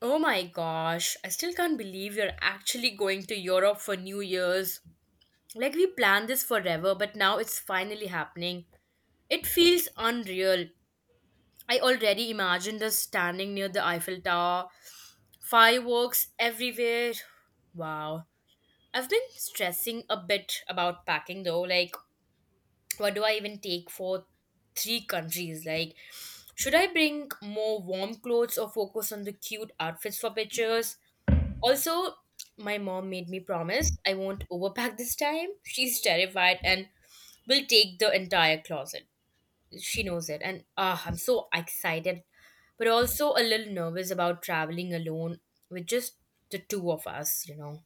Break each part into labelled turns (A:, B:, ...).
A: Oh my gosh, I still can't believe you're actually going to Europe for New Year's. Like, we planned this forever, but now it's finally happening. It feels unreal. I already imagined us standing near the Eiffel Tower, fireworks everywhere. Wow. I've been stressing a bit about packing though. Like, what do I even take for three countries? Like, should I bring more warm clothes or focus on the cute outfits for pictures? Also, my mom made me promise I won't overpack this time. She's terrified and will take the entire closet. She knows it. I'm so excited, but also a little nervous about traveling alone with just the two of us.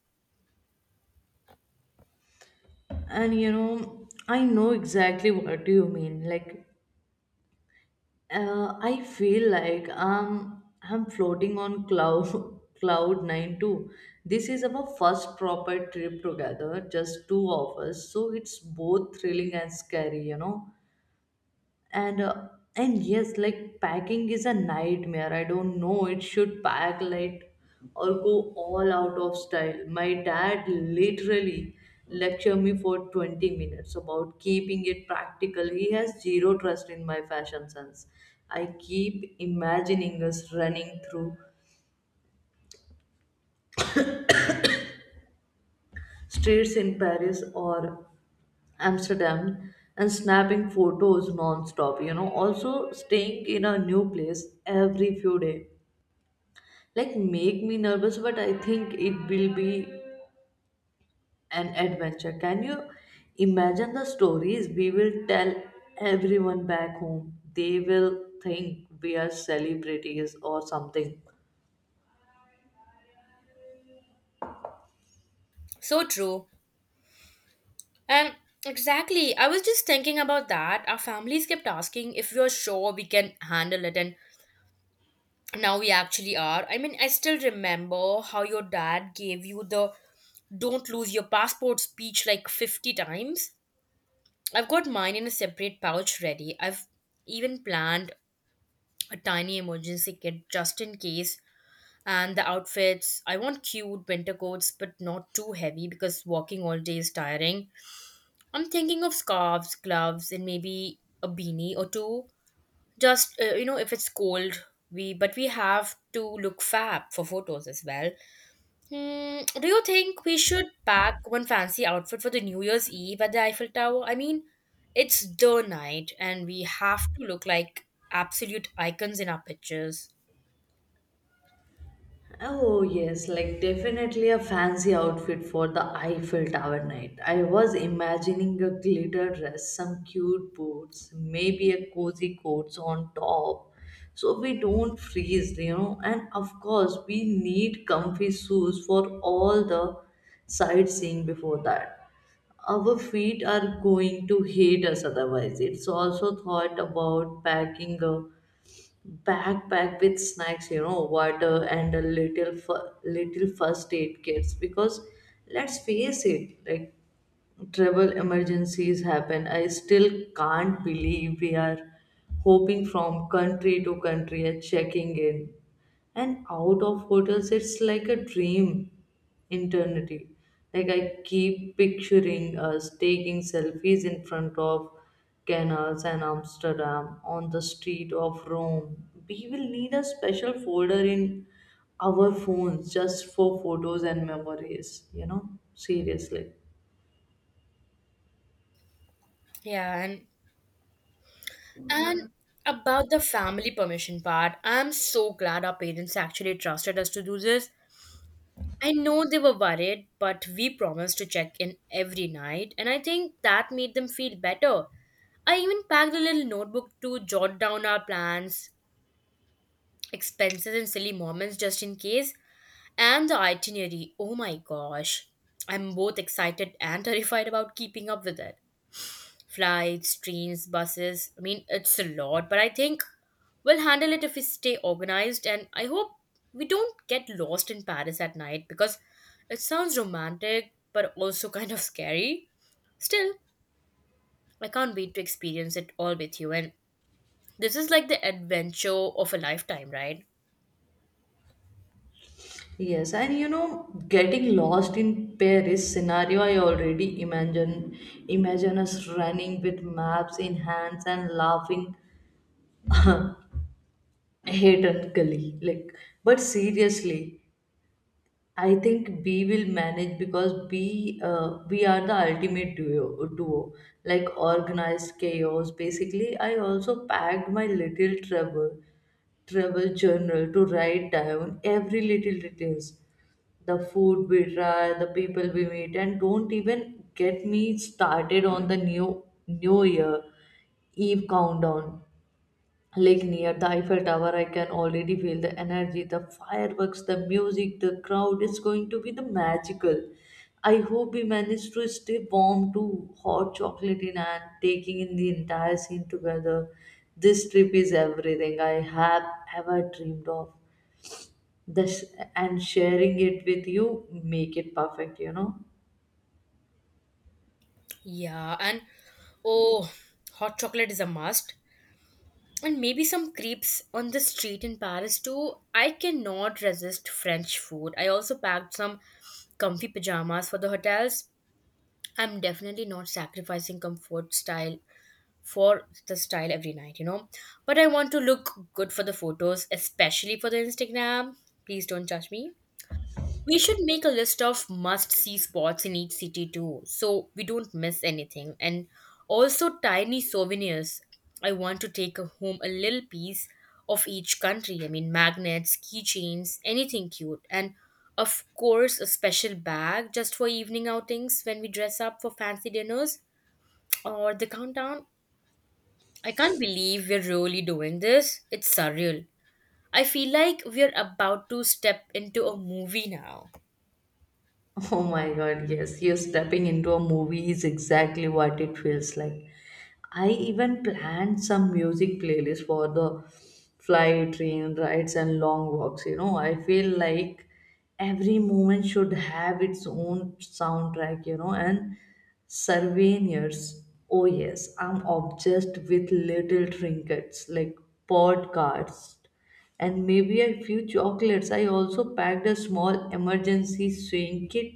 B: And you know, I know exactly what you mean. Like, I feel like I'm floating on cloud cloud nine too. This is our first proper trip together, just two of us. So it's both thrilling and scary, and uh, and yes, like packing is a nightmare. I don't know it should pack light or go all out of style. My dad literally lecture me for 20 minutes about keeping it practical. He has zero trust in my fashion sense. I keep imagining us running through streets in Paris or Amsterdam and snapping photos non-stop, you know, also staying in a new place every few days, like make me nervous, but I think it will be an adventure. Can you imagine the stories we will tell everyone back home? They will think we are celebrities or something.
A: So true. And exactly, I was just thinking about that. Our families kept asking if we are sure we can handle it, and now we actually are. I mean, I still remember how your dad gave you the don't lose your passport speech like 50 times. I've got mine in a separate pouch ready. I've even planned a tiny emergency kit just in case. And the outfits, I want cute winter coats but not too heavy because walking all day is tiring. I'm thinking of scarves, gloves, and maybe a beanie or two. Just, if it's cold, we but we have to look fab for photos as well. Hmm, do you think we should pack one fancy outfit for the New Year's Eve at the Eiffel Tower? I mean, it's the night and we have to look like absolute icons in our pictures.
B: Oh, yes, like definitely a fancy outfit for the Eiffel Tower night. I was imagining a glitter dress, some cute boots, maybe a cozy coats on top so we don't freeze, you know. And of course, we need comfy shoes for all the sightseeing before that. Our feet are going to hate us otherwise. It's also thought about packing a backpack with snacks, water and a little little first aid kits because let's face it, like travel emergencies happen. I still can't believe we are hopping from country to country and checking in and out of hotels. It's like a dream eternity. Like, I keep picturing us taking selfies in front of canals and Amsterdam on the street of Rome. We will need a special folder in our phones just for photos and memories, you know. Seriously.
A: Yeah, and about the family permission part, I'm so glad our parents actually trusted us to do this. I know they were worried, but we promised to check in every night, and I think that made them feel better. I even packed a little notebook to jot down our plans, expenses and silly moments just in case, and the itinerary. Oh my gosh. I'm both excited and terrified about keeping up with it. Flights, trains, buses. I mean, it's a lot, but I think we'll handle it if we stay organized and I hope we don't get lost in Paris at night because it sounds romantic but also kind of scary. Still, I can't wait to experience it all with you and this is like the adventure of a lifetime, right?
B: Yes, and you know, getting lost in Paris scenario, I already imagine us running with maps in hands and laughing hedonically. Like, but seriously, I think B will manage because B, we are the ultimate duo, like organized chaos. Basically, I also packed my little travel journal to write down every little details, the food we try, the people we meet, and don't even get me started on the New Year Eve countdown. Like, near the Eiffel Tower, I can already feel the energy, the fireworks, the music, the crowd. It's going to be the magical. I hope we manage to stay warm too, hot chocolate in hand, taking in the entire scene together. This trip is everything I have ever dreamed of this, and sharing it with you make it perfect, you know.
A: Yeah, and oh, hot chocolate is a must. And maybe some crepes on the street in Paris too. I cannot resist French food. I also packed some comfy pajamas for the hotels. I'm definitely not sacrificing comfort style for the style every night. But I want to look good for the photos, especially for the Instagram. Please don't judge me. We should make a list of must see spots in each city too, so we don't miss anything. And also tiny souvenirs. I want to take home a little piece of each country. I mean, magnets, keychains, anything cute. And of course, a special bag just for evening outings when we dress up for fancy dinners or the countdown. I can't believe we're really doing this. It's surreal. I feel like we're about to step into a movie now.
B: Oh my god, yes, you're stepping into a movie is exactly what it feels like. I even planned some music playlist for the flight, train rides and long walks, you know. I feel like every moment should have its own soundtrack, you know. And souvenirs, oh yes, I'm obsessed with little trinkets like podcasts and maybe a few chocolates. I also packed a small emergency swing kit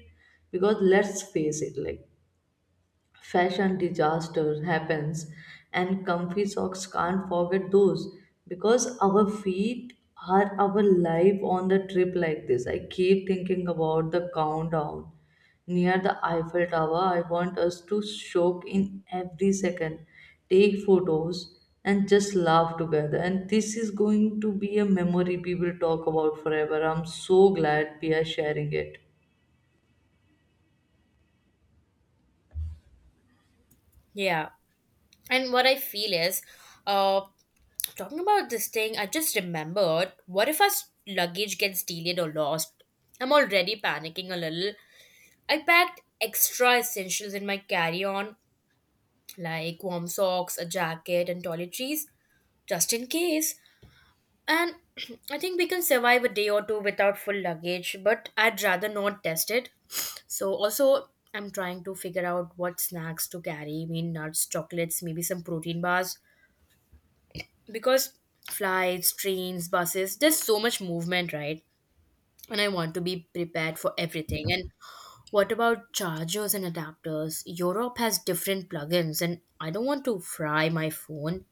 B: because let's face it, like fashion disaster happens, and comfy socks, can't forget those because our feet are our life on the trip like this. I keep thinking about the countdown near the Eiffel Tower. I want us to soak in every second, take photos and just laugh together. And this is going to be a memory we will talk about forever. I'm so glad we are sharing it.
A: Yeah. And what I feel is, uh, talking about this thing, I just remembered what if our luggage gets delayed or lost? I'm already panicking a little. I packed extra essentials in my carry on, like warm socks, a jacket, and toiletries, just in case. And I think we can survive a day or two without full luggage, but I'd rather not test it. So, also, I'm trying to figure out what snacks to carry. I mean, nuts, chocolates, maybe some protein bars, because flights, trains, buses, there's so much movement, right? And I want to be prepared for everything. And what about chargers and adapters? Europe has different plugins, and I don't want to fry my phone.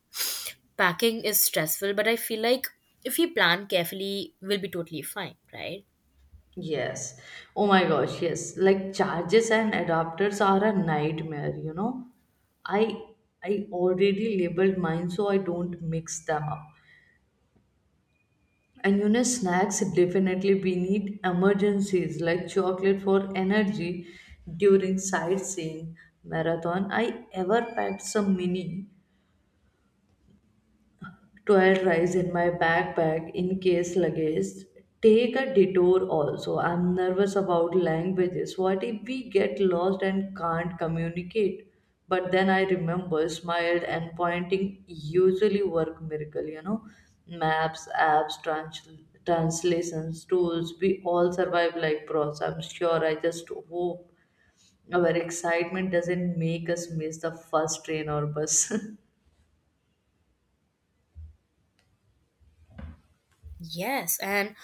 A: Packing is stressful, but I feel like if we plan carefully, we'll be totally fine, right?
B: Yes. Oh my gosh, yes. Like charges and adapters are a nightmare, you know. I I already labeled mine so I don't mix them up. And you know, snacks definitely we need emergencies like chocolate for energy during sightseeing marathon. I ever packed some mini 12 rice in my backpack in case luggage take a detour. Also, I'm nervous about languages. What if we get lost and can't communicate? But then I remember smiled and pointing usually work miracle, you know. Maps, apps, translations tools, we all survive like pros, I'm sure. I just hope our excitement doesn't make us miss the first train or bus.
A: Yes, and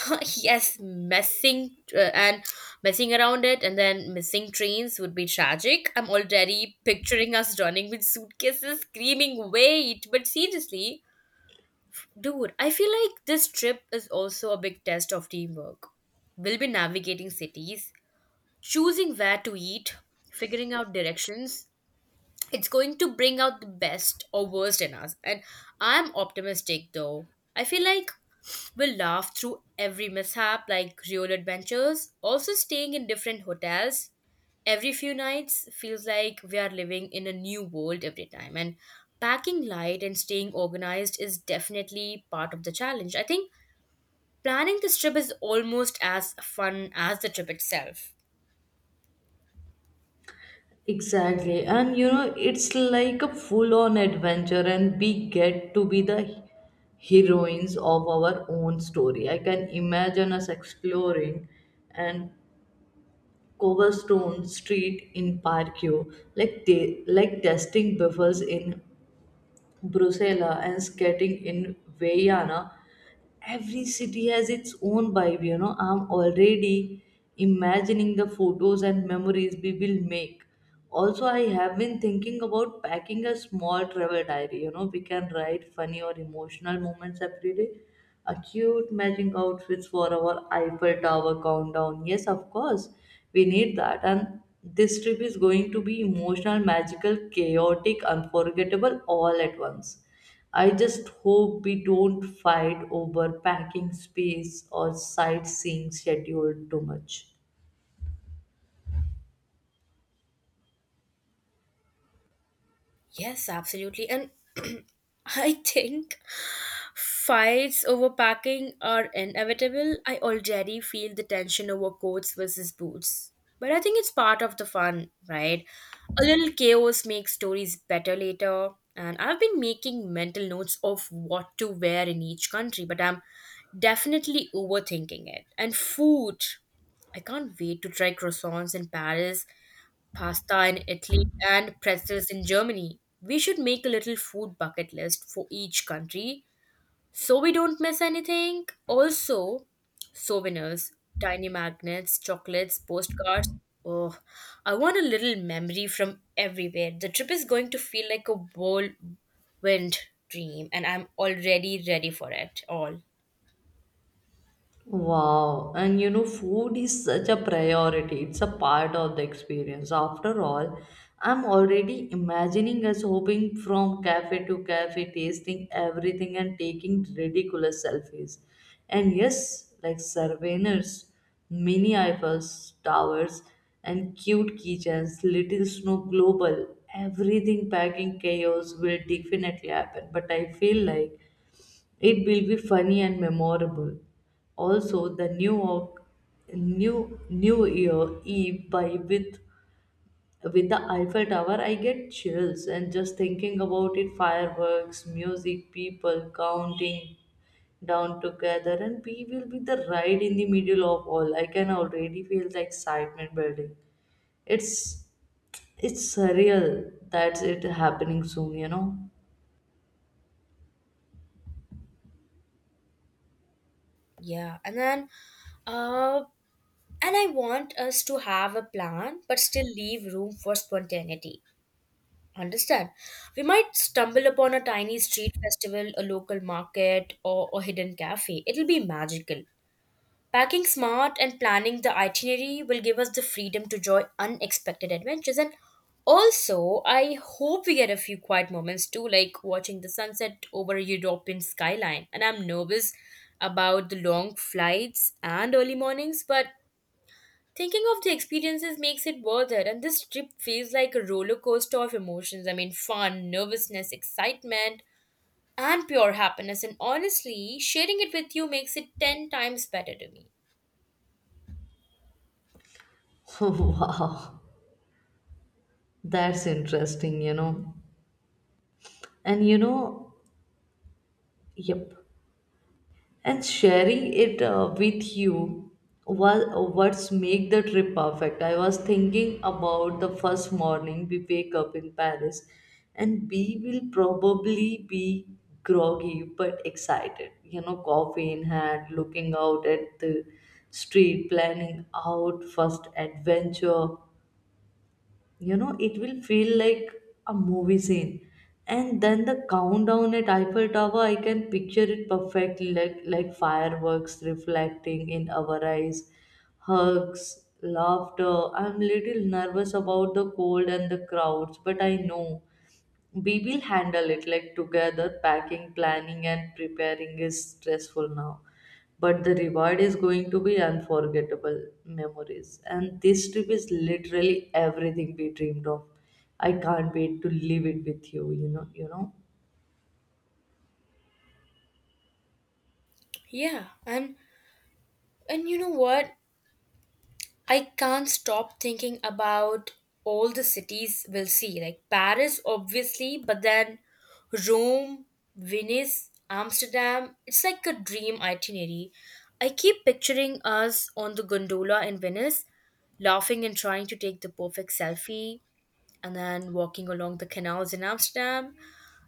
A: yes, messing around it and then missing trains would be tragic. I'm already picturing us running with suitcases, screaming, wait. But seriously, dude, I feel like this trip is also a big test of teamwork. We'll be navigating cities, choosing where to eat, figuring out directions. It's going to bring out the best or worst in us, and I'm optimistic though. I feel like we'll laugh through every mishap like real adventures. Also, staying in different hotels every few nights feels like we are living in a new world every time, and packing light and staying organized is definitely part of the challenge. I think planning this trip is almost as fun as the trip itself.
B: Exactly. And you know, it's like a full on adventure, and we get to be the heroines of our own story. I can imagine us exploring and Coverstone Street in Parkio, like like testing buffers in Brussels and skating in Vienna. Every city has its own vibe, you know. I'm already imagining the photos and memories we will make. Also, I have been thinking about packing a small travel diary, you know. We can write funny or emotional moments every day. A cute matching outfits for our Eiffel Tower countdown. Yes, of course, we need that. And this trip is going to be emotional, magical, chaotic, unforgettable all at once. I just hope we don't fight over packing space or sightseeing schedule too much.
A: Yes, absolutely. And I think fights over packing are inevitable. I already feel the tension over coats versus boots. But I think it's part of the fun, right? A little chaos makes stories better later. And I've been making mental notes of what to wear in each country, but I'm definitely overthinking it. And food. I can't wait to try croissants in Paris, pasta in Italy, and pretzels in Germany. We should make a little food bucket list for each country so we don't miss anything. Also, souvenirs, tiny magnets, chocolates, postcards. Oh, I want a little memory from everywhere. The trip is going to feel like a whirlwind dream, and I'm already ready for it all.
B: Wow, and you know, food is such a priority. It's a part of the experience. After all, I'm already imagining us hopping from cafe to cafe, tasting everything and taking ridiculous selfies. And yes, like souvenirs, mini Eiffel towers, and cute keychains, little snow global, everything packing chaos will definitely happen. But I feel like it will be funny and memorable. Also, the New York New Year Eve by with the Eiffel Tower, I get chills and just thinking about it. Fireworks, music, people counting down together, and we will be the right in the middle of all. I can already feel the excitement building. It's it's surreal that's it happening soon. You know.
A: Yeah, and then, uh, and I want us to have a plan, but still leave room for spontaneity. Understand. We might stumble upon a tiny street festival, a local market, or a hidden cafe. It'll be magical. Packing smart and planning the itinerary will give us the freedom to enjoy unexpected adventures. And also, I hope we get a few quiet moments too, like watching the sunset over a European skyline. And I'm nervous about the long flights and early mornings, but thinking of the experiences makes it worth it, and this trip feels like a roller coaster of emotions. I mean, fun, nervousness, excitement, and pure happiness. And honestly, sharing it with you makes it 10 times better to me.
B: Wow, that's interesting. You know. And you know, yep, and sharing it, with you was what's make the trip perfect. I was thinking about the first morning we wake up in Paris, and we will probably be groggy but excited, you know, coffee in hand, looking out at the street, planning out first adventure, you know, it will feel like a movie scene. And then the countdown at Eiffel Tower, I can picture it perfectly, like fireworks reflecting in our eyes, hugs, laughter. I'm little nervous about the cold and the crowds, but I know we will handle it like together. Packing, planning, and preparing is stressful now. But the reward is going to be unforgettable memories. And this trip is literally everything we dreamed of. I can't wait to live it with you, you know, you know.
A: Yeah, and you know what? I can't stop thinking about all the cities we'll see, like Paris, obviously, but then Rome, Venice, Amsterdam. It's like a dream itinerary. I keep picturing us on the gondola in Venice, laughing and trying to take the perfect selfie, and then walking along the canals in Amsterdam.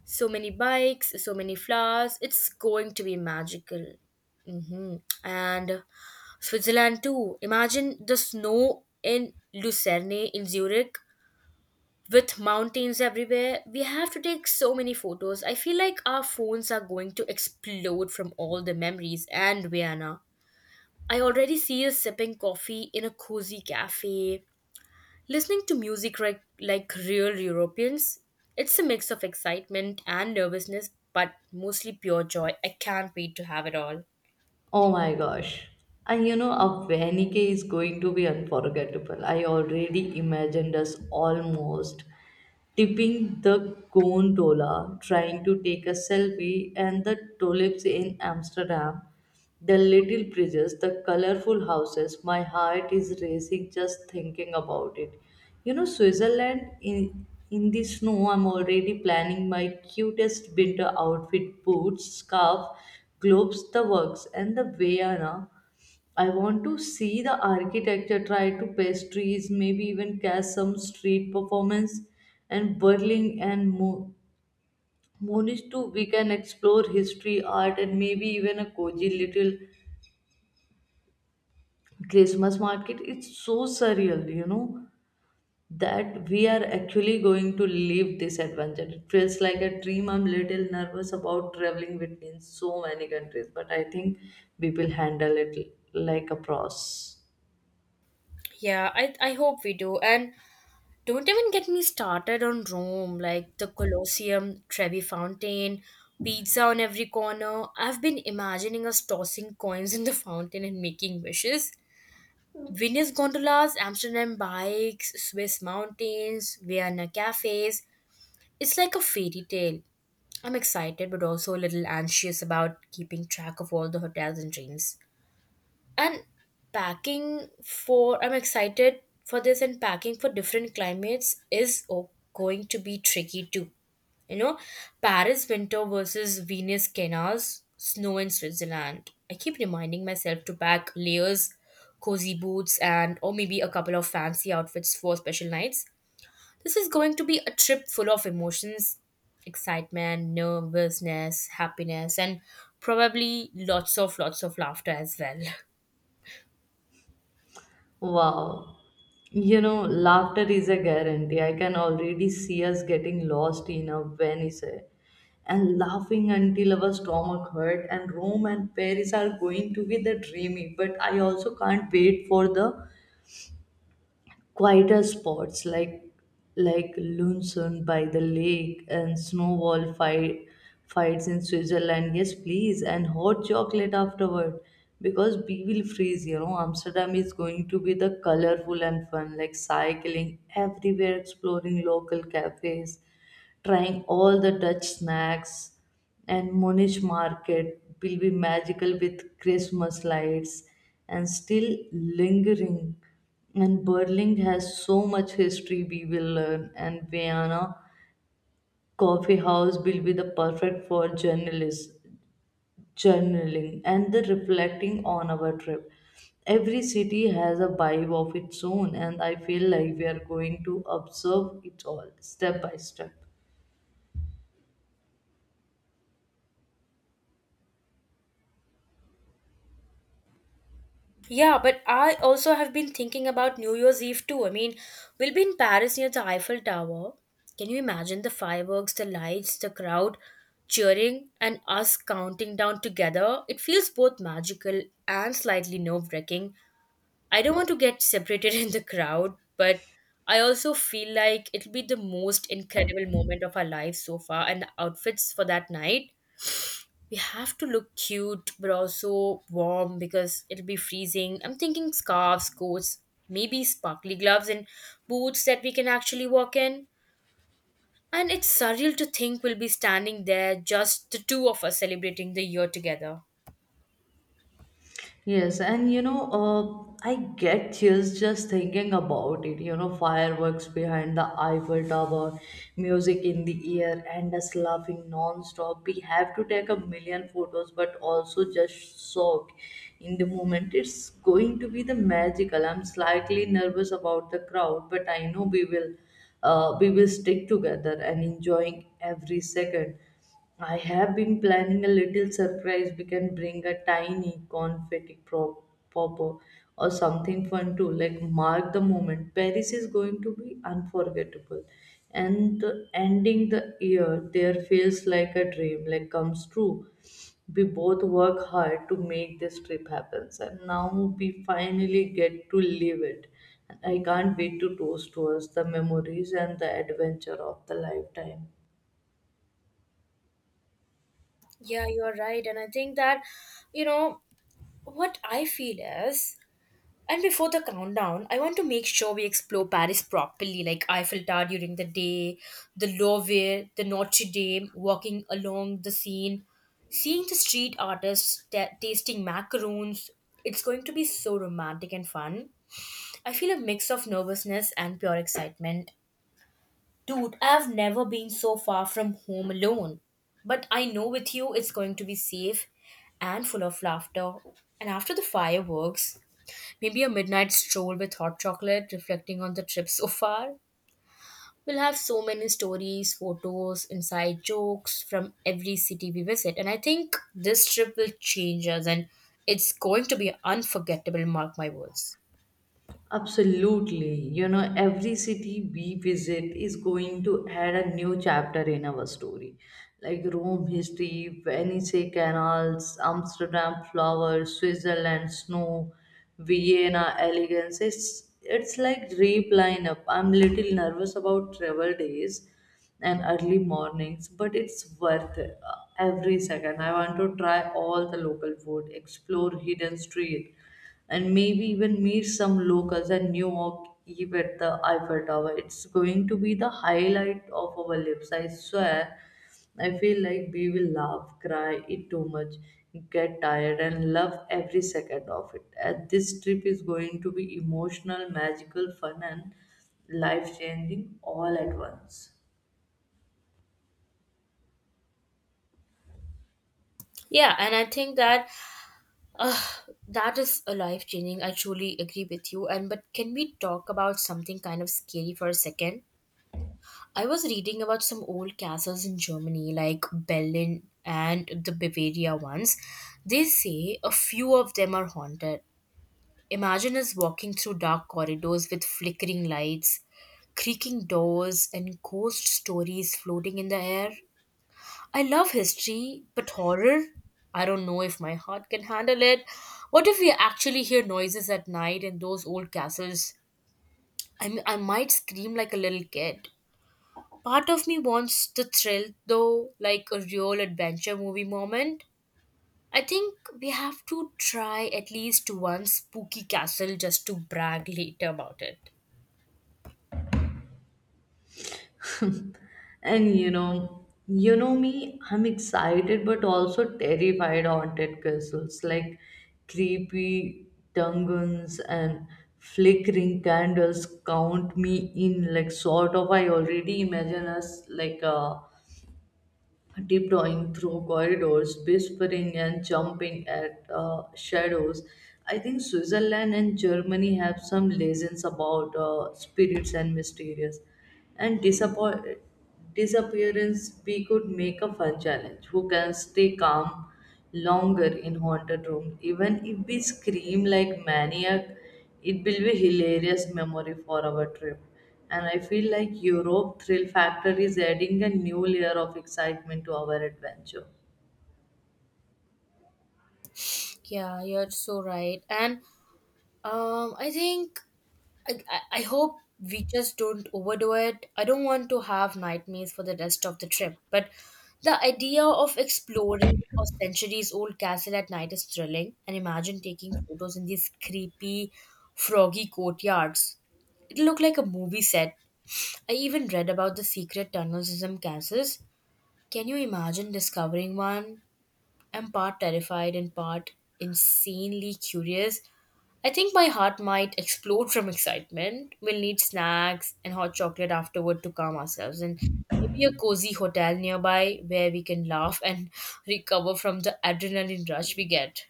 A: So many bikes, so many flowers. It's going to be magical. Mm-hmm. And Switzerland too. Imagine the snow in Lucerne in Zurich with mountains everywhere. We have to take so many photos. I feel like our phones are going to explode from all the memories and Vienna. I already see us sipping coffee in a cozy cafe, listening to music like real Europeans. It's a mix of excitement and nervousness, but mostly pure joy. I can't wait to have it all.
B: Oh my gosh. And you know, a Venike is going to be unforgettable. I already imagined us almost tipping the gondola, trying to take a selfie, and the tulips in Amsterdam, the little bridges, the colorful houses. My heart is racing just thinking about it. You know, Switzerland in the snow, I'm already planning my cutest winter outfit boots, scarf, gloves, the works, and the Vienna. I want to see the architecture, try to pastries, maybe even catch some street performance, and Berlin and Munich too. We can explore history, art, and maybe even a cozy little Christmas market. It's so surreal, you know, that we are actually going to live this adventure. It feels like a dream. I'm little nervous about traveling between so many countries, but I think we will handle it like a pros.
A: Yeah, I hope we do. And don't even get me started on Rome, like the Colosseum, Trevi Fountain, pizza on every corner. I've been imagining us tossing coins in the fountain and making wishes. Venice gondolas, Amsterdam bikes, Swiss mountains, Vienna cafes. It's like a fairy tale. I'm excited but also a little anxious about keeping track of all the hotels and trains and packing for I'm excited for this and packing for different climates is going to be tricky too, you know. Paris winter versus Venus canals, snow in Switzerland. I keep reminding myself to pack layers, cozy boots and or maybe a couple of fancy outfits for special nights. This is going to be a trip full of emotions, excitement, nervousness, happiness, and probably lots of laughter as well.
B: Wow. You know, laughter is a guarantee. I can already see us getting lost in a Venice and laughing until our stomach hurt. And Rome and Paris are going to be the dreamy. But I also can't wait for the quieter spots like Lunsun by the lake and snowball fights in Switzerland. Yes, please, and hot chocolate afterward because we will freeze. You know, Amsterdam is going to be the colorful and fun, like cycling everywhere, exploring local cafes, trying all the Dutch snacks, and Munich market will be magical with Christmas lights and still lingering. And Berlin has so much history we will learn, and Vienna coffee house will be the perfect for journalists journaling and the reflecting on our trip. Every city has a vibe of its own, and I feel like we are going to observe it all step by step.
A: Yeah, but I also have been thinking about New Year's Eve too. I mean, we'll be in Paris near the Eiffel Tower. Can you imagine the fireworks, the lights, the crowd cheering, and us counting down together? It feels both magical and slightly nerve wracking. I don't want to get separated in the crowd, but I also feel like it'll be the most incredible moment of our lives so far, and the outfits for that night, we have to look cute but also warm because it'll be freezing. I'm thinking scarves, coats, maybe sparkly gloves and boots that we can actually walk in. And it's surreal to think we'll be standing there, just the two of us celebrating the year together.
B: Yes, and you know, I get chills just thinking about it. You know, fireworks behind the Eiffel Tower, music in the air, and us laughing non-stop. We have to take a million photos, but also just soak in the moment. It's going to be the magical. I'm slightly nervous about the crowd, but I know we will stick together and enjoying every second. I have been planning a little surprise. We can bring a tiny confetti popper or something fun to like mark the moment. Paris is going to be unforgettable, and the ending the year there feels like a dream, like comes true. We both work hard to make this trip happen, and now we finally get to live it. And I can't wait to toast to us the memories and the adventure of the lifetime.
A: Yeah, you're right. And I think that, you know, what I feel is And before the countdown, I want to make sure we explore Paris properly, like Eiffel Tower during the day, the Louvre, the Notre Dame, walking along the Seine, seeing the street artists tasting macaroons. It's going to be so romantic and fun. I feel a mix of nervousness and pure excitement. Dude, I've never been so far from home alone. But I know with you it's going to be safe and full of laughter. And after the fireworks, maybe a midnight stroll with hot chocolate, reflecting on the trip so far. We'll have so many stories, photos, inside jokes from every city we visit. And I think this trip will change us, and it's going to be unforgettable, mark my words.
B: Absolutely. You know, every city we visit is going to add a new chapter in our story. Like Rome history, Venice canals, Amsterdam flowers, Switzerland snow, Vienna elegance. It's like deep lineup. I'm little nervous about travel days and early mornings, but it's worth every second. I want to try all the local food, explore hidden street, and maybe even meet some locals and New York Eve at the Eiffel Tower. It's going to be the highlight of our lives, I swear. I feel like we will laugh, cry, eat too much, get tired, and love every second of it. And this trip is going to be emotional, magical, fun, and life changing all at once.
A: Yeah, and I think that uh, that is a life changing. I truly agree with you. And but can we talk about something kind of scary for a second? I was reading about some old castles in Germany, like Berlin and the Bavaria ones. They say a few of them are haunted. Imagine us walking through dark corridors with flickering lights, creaking doors, and ghost stories floating in the air. I love history, but horror? I don't know if my heart can handle it. What if we actually hear noises at night in those old castles? I might scream like a little kid. Part of me wants the thrill, though, like a real adventure movie moment. I think we have to try at least one spooky castle just to brag later about it.
B: And you know me, I'm excited but also terrified. Haunted castles like creepy dungeons and flickering candles, count me in like sort of. I already imagine us like a tiptoeing through corridors, whispering and jumping at shadows. I think Switzerland and Germany have some legends about spirits and mysterious and disappearance. We could make a fun challenge. Who can stay calm longer in haunted room? Even if we scream like maniac, it will be hilarious memory for our trip. And I feel like Europe Thrill Factor is adding a new layer of excitement to our adventure.
A: Yeah, you're so right. And I think I hope we just don't overdo it. I don't want to have nightmares for the rest of the trip, but the idea of exploring a centuries old castle at night is thrilling. And imagine taking photos in these creepy, froggy courtyards. It'll look like a movie set. I even read about the secret tunnels in some castles. Can you imagine discovering one? I'm part terrified and part insanely curious. I think my heart might explode from excitement. We'll need snacks and hot chocolate afterward to calm ourselves, and maybe a cozy hotel nearby where we can laugh and recover from the adrenaline rush we get.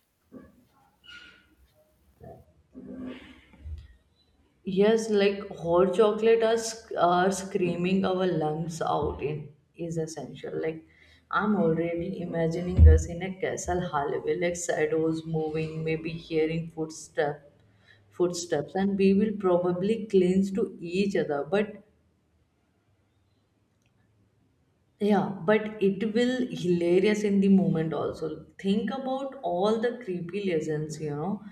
B: Yes, like hot chocolate are, are screaming our lungs out in is essential. Like, I'm already imagining us in a castle hallway, like shadows moving, maybe hearing footsteps, and we will probably clinch to each other. But Yeah, but it will hilarious in the moment also. Think about all the creepy lessons, you know.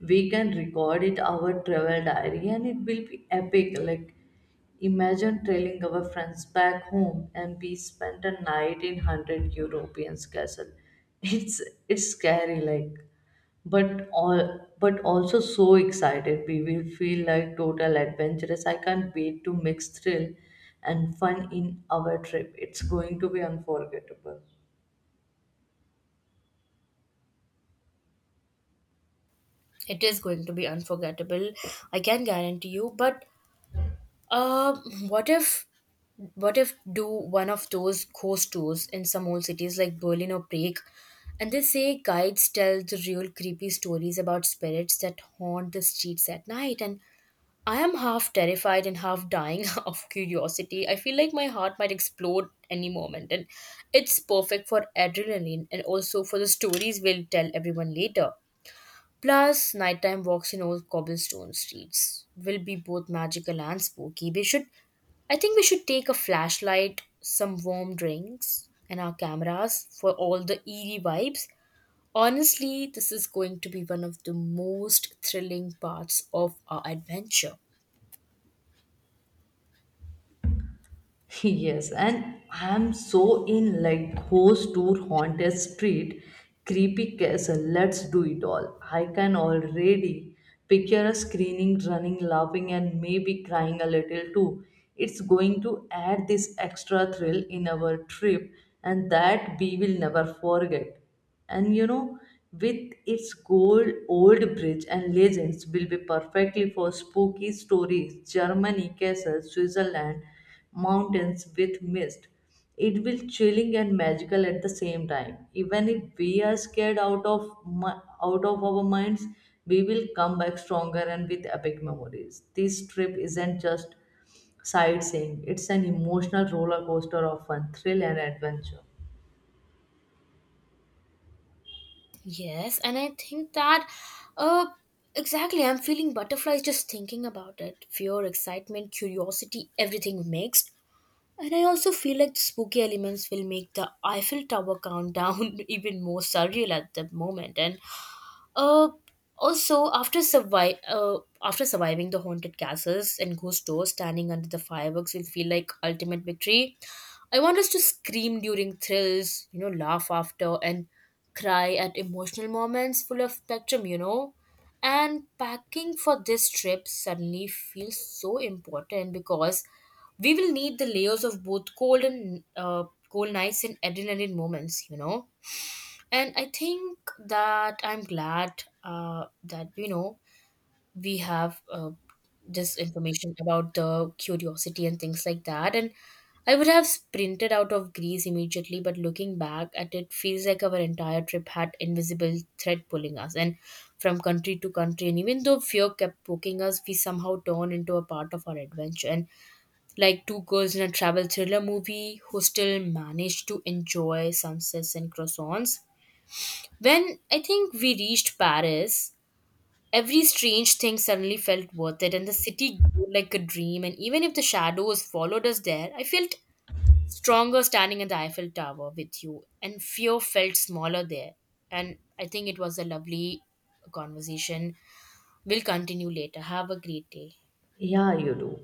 B: We can record it our travel diary and it will be epic. Like, imagine trailing our friends back home and we spent a night in 100 Europeans castle. It's it's scary, like but all but also so excited we will feel like total adventurous. I can't wait to mix thrill and fun in our trip. It's going to be unforgettable.
A: It is going to be unforgettable, I can guarantee you. But uh, what if what if do one of those ghost tours in some old cities like Berlin or Prague? And they say guides tell the real creepy stories about spirits that haunt the streets at night. And I am half terrified and half dying of curiosity. I feel like my heart might explode any moment, and it's perfect for adrenaline and also for the stories we'll tell everyone later. Plus, nighttime walks in old cobblestone streets will be both magical and spooky. We should, I think, we should take a flashlight, some warm drinks, and our cameras for all the eerie vibes. Honestly, this is going to be one of the most thrilling parts of our adventure.
B: Yes, and I'm so in like ghost tour haunted street, creepy castle. Let's do it all. I can already picture us screaming, running, laughing, and maybe crying a little too. It's going to add this extra thrill in our trip, and that we will never forget. And you know, with its gold old bridge and legends will be perfectly for spooky stories. Germany castles, Switzerland mountains with mist, it will chilling and magical at the same time. Even if we are scared out of mi- out of our minds, we will come back stronger and with epic memories. This trip isn't just sightseeing, it's an emotional roller coaster of fun, thrill and adventure.
A: Yes, and I think that uh exactly, I'm feeling butterflies just thinking about it. Fear, excitement, curiosity, everything mixed. And I also feel like the spooky elements will make the Eiffel Tower countdown even more surreal at the moment. And uh, also, after surviving the haunted castles and ghost doors, standing under the fireworks will feel like ultimate victory. I want us to scream during thrills, you know, laugh after, and cry at emotional moments full of spectrum, you know. And packing for this trip suddenly feels so important because we will need the layers of both cold and cold nights and adrenaline moments, you know. And I think that I'm glad, that you know, we have this information about the curiosity and things like that. And I would have sprinted out of Greece immediately, but looking back at it feels like our entire trip had invisible thread pulling us and from country to country. And even though fear kept poking us, we somehow turned into a part of our adventure, and like two girls in a travel thriller movie who still managed to enjoy sunsets and croissants. When I think we reached Paris, every strange thing suddenly felt worth it, and the city grew like a dream. And even if the shadows followed us there, I felt stronger standing in the Eiffel Tower with you, and fear felt smaller there. And I think it was a lovely conversation. We'll continue later. Have a great day.
B: Yeah, you do.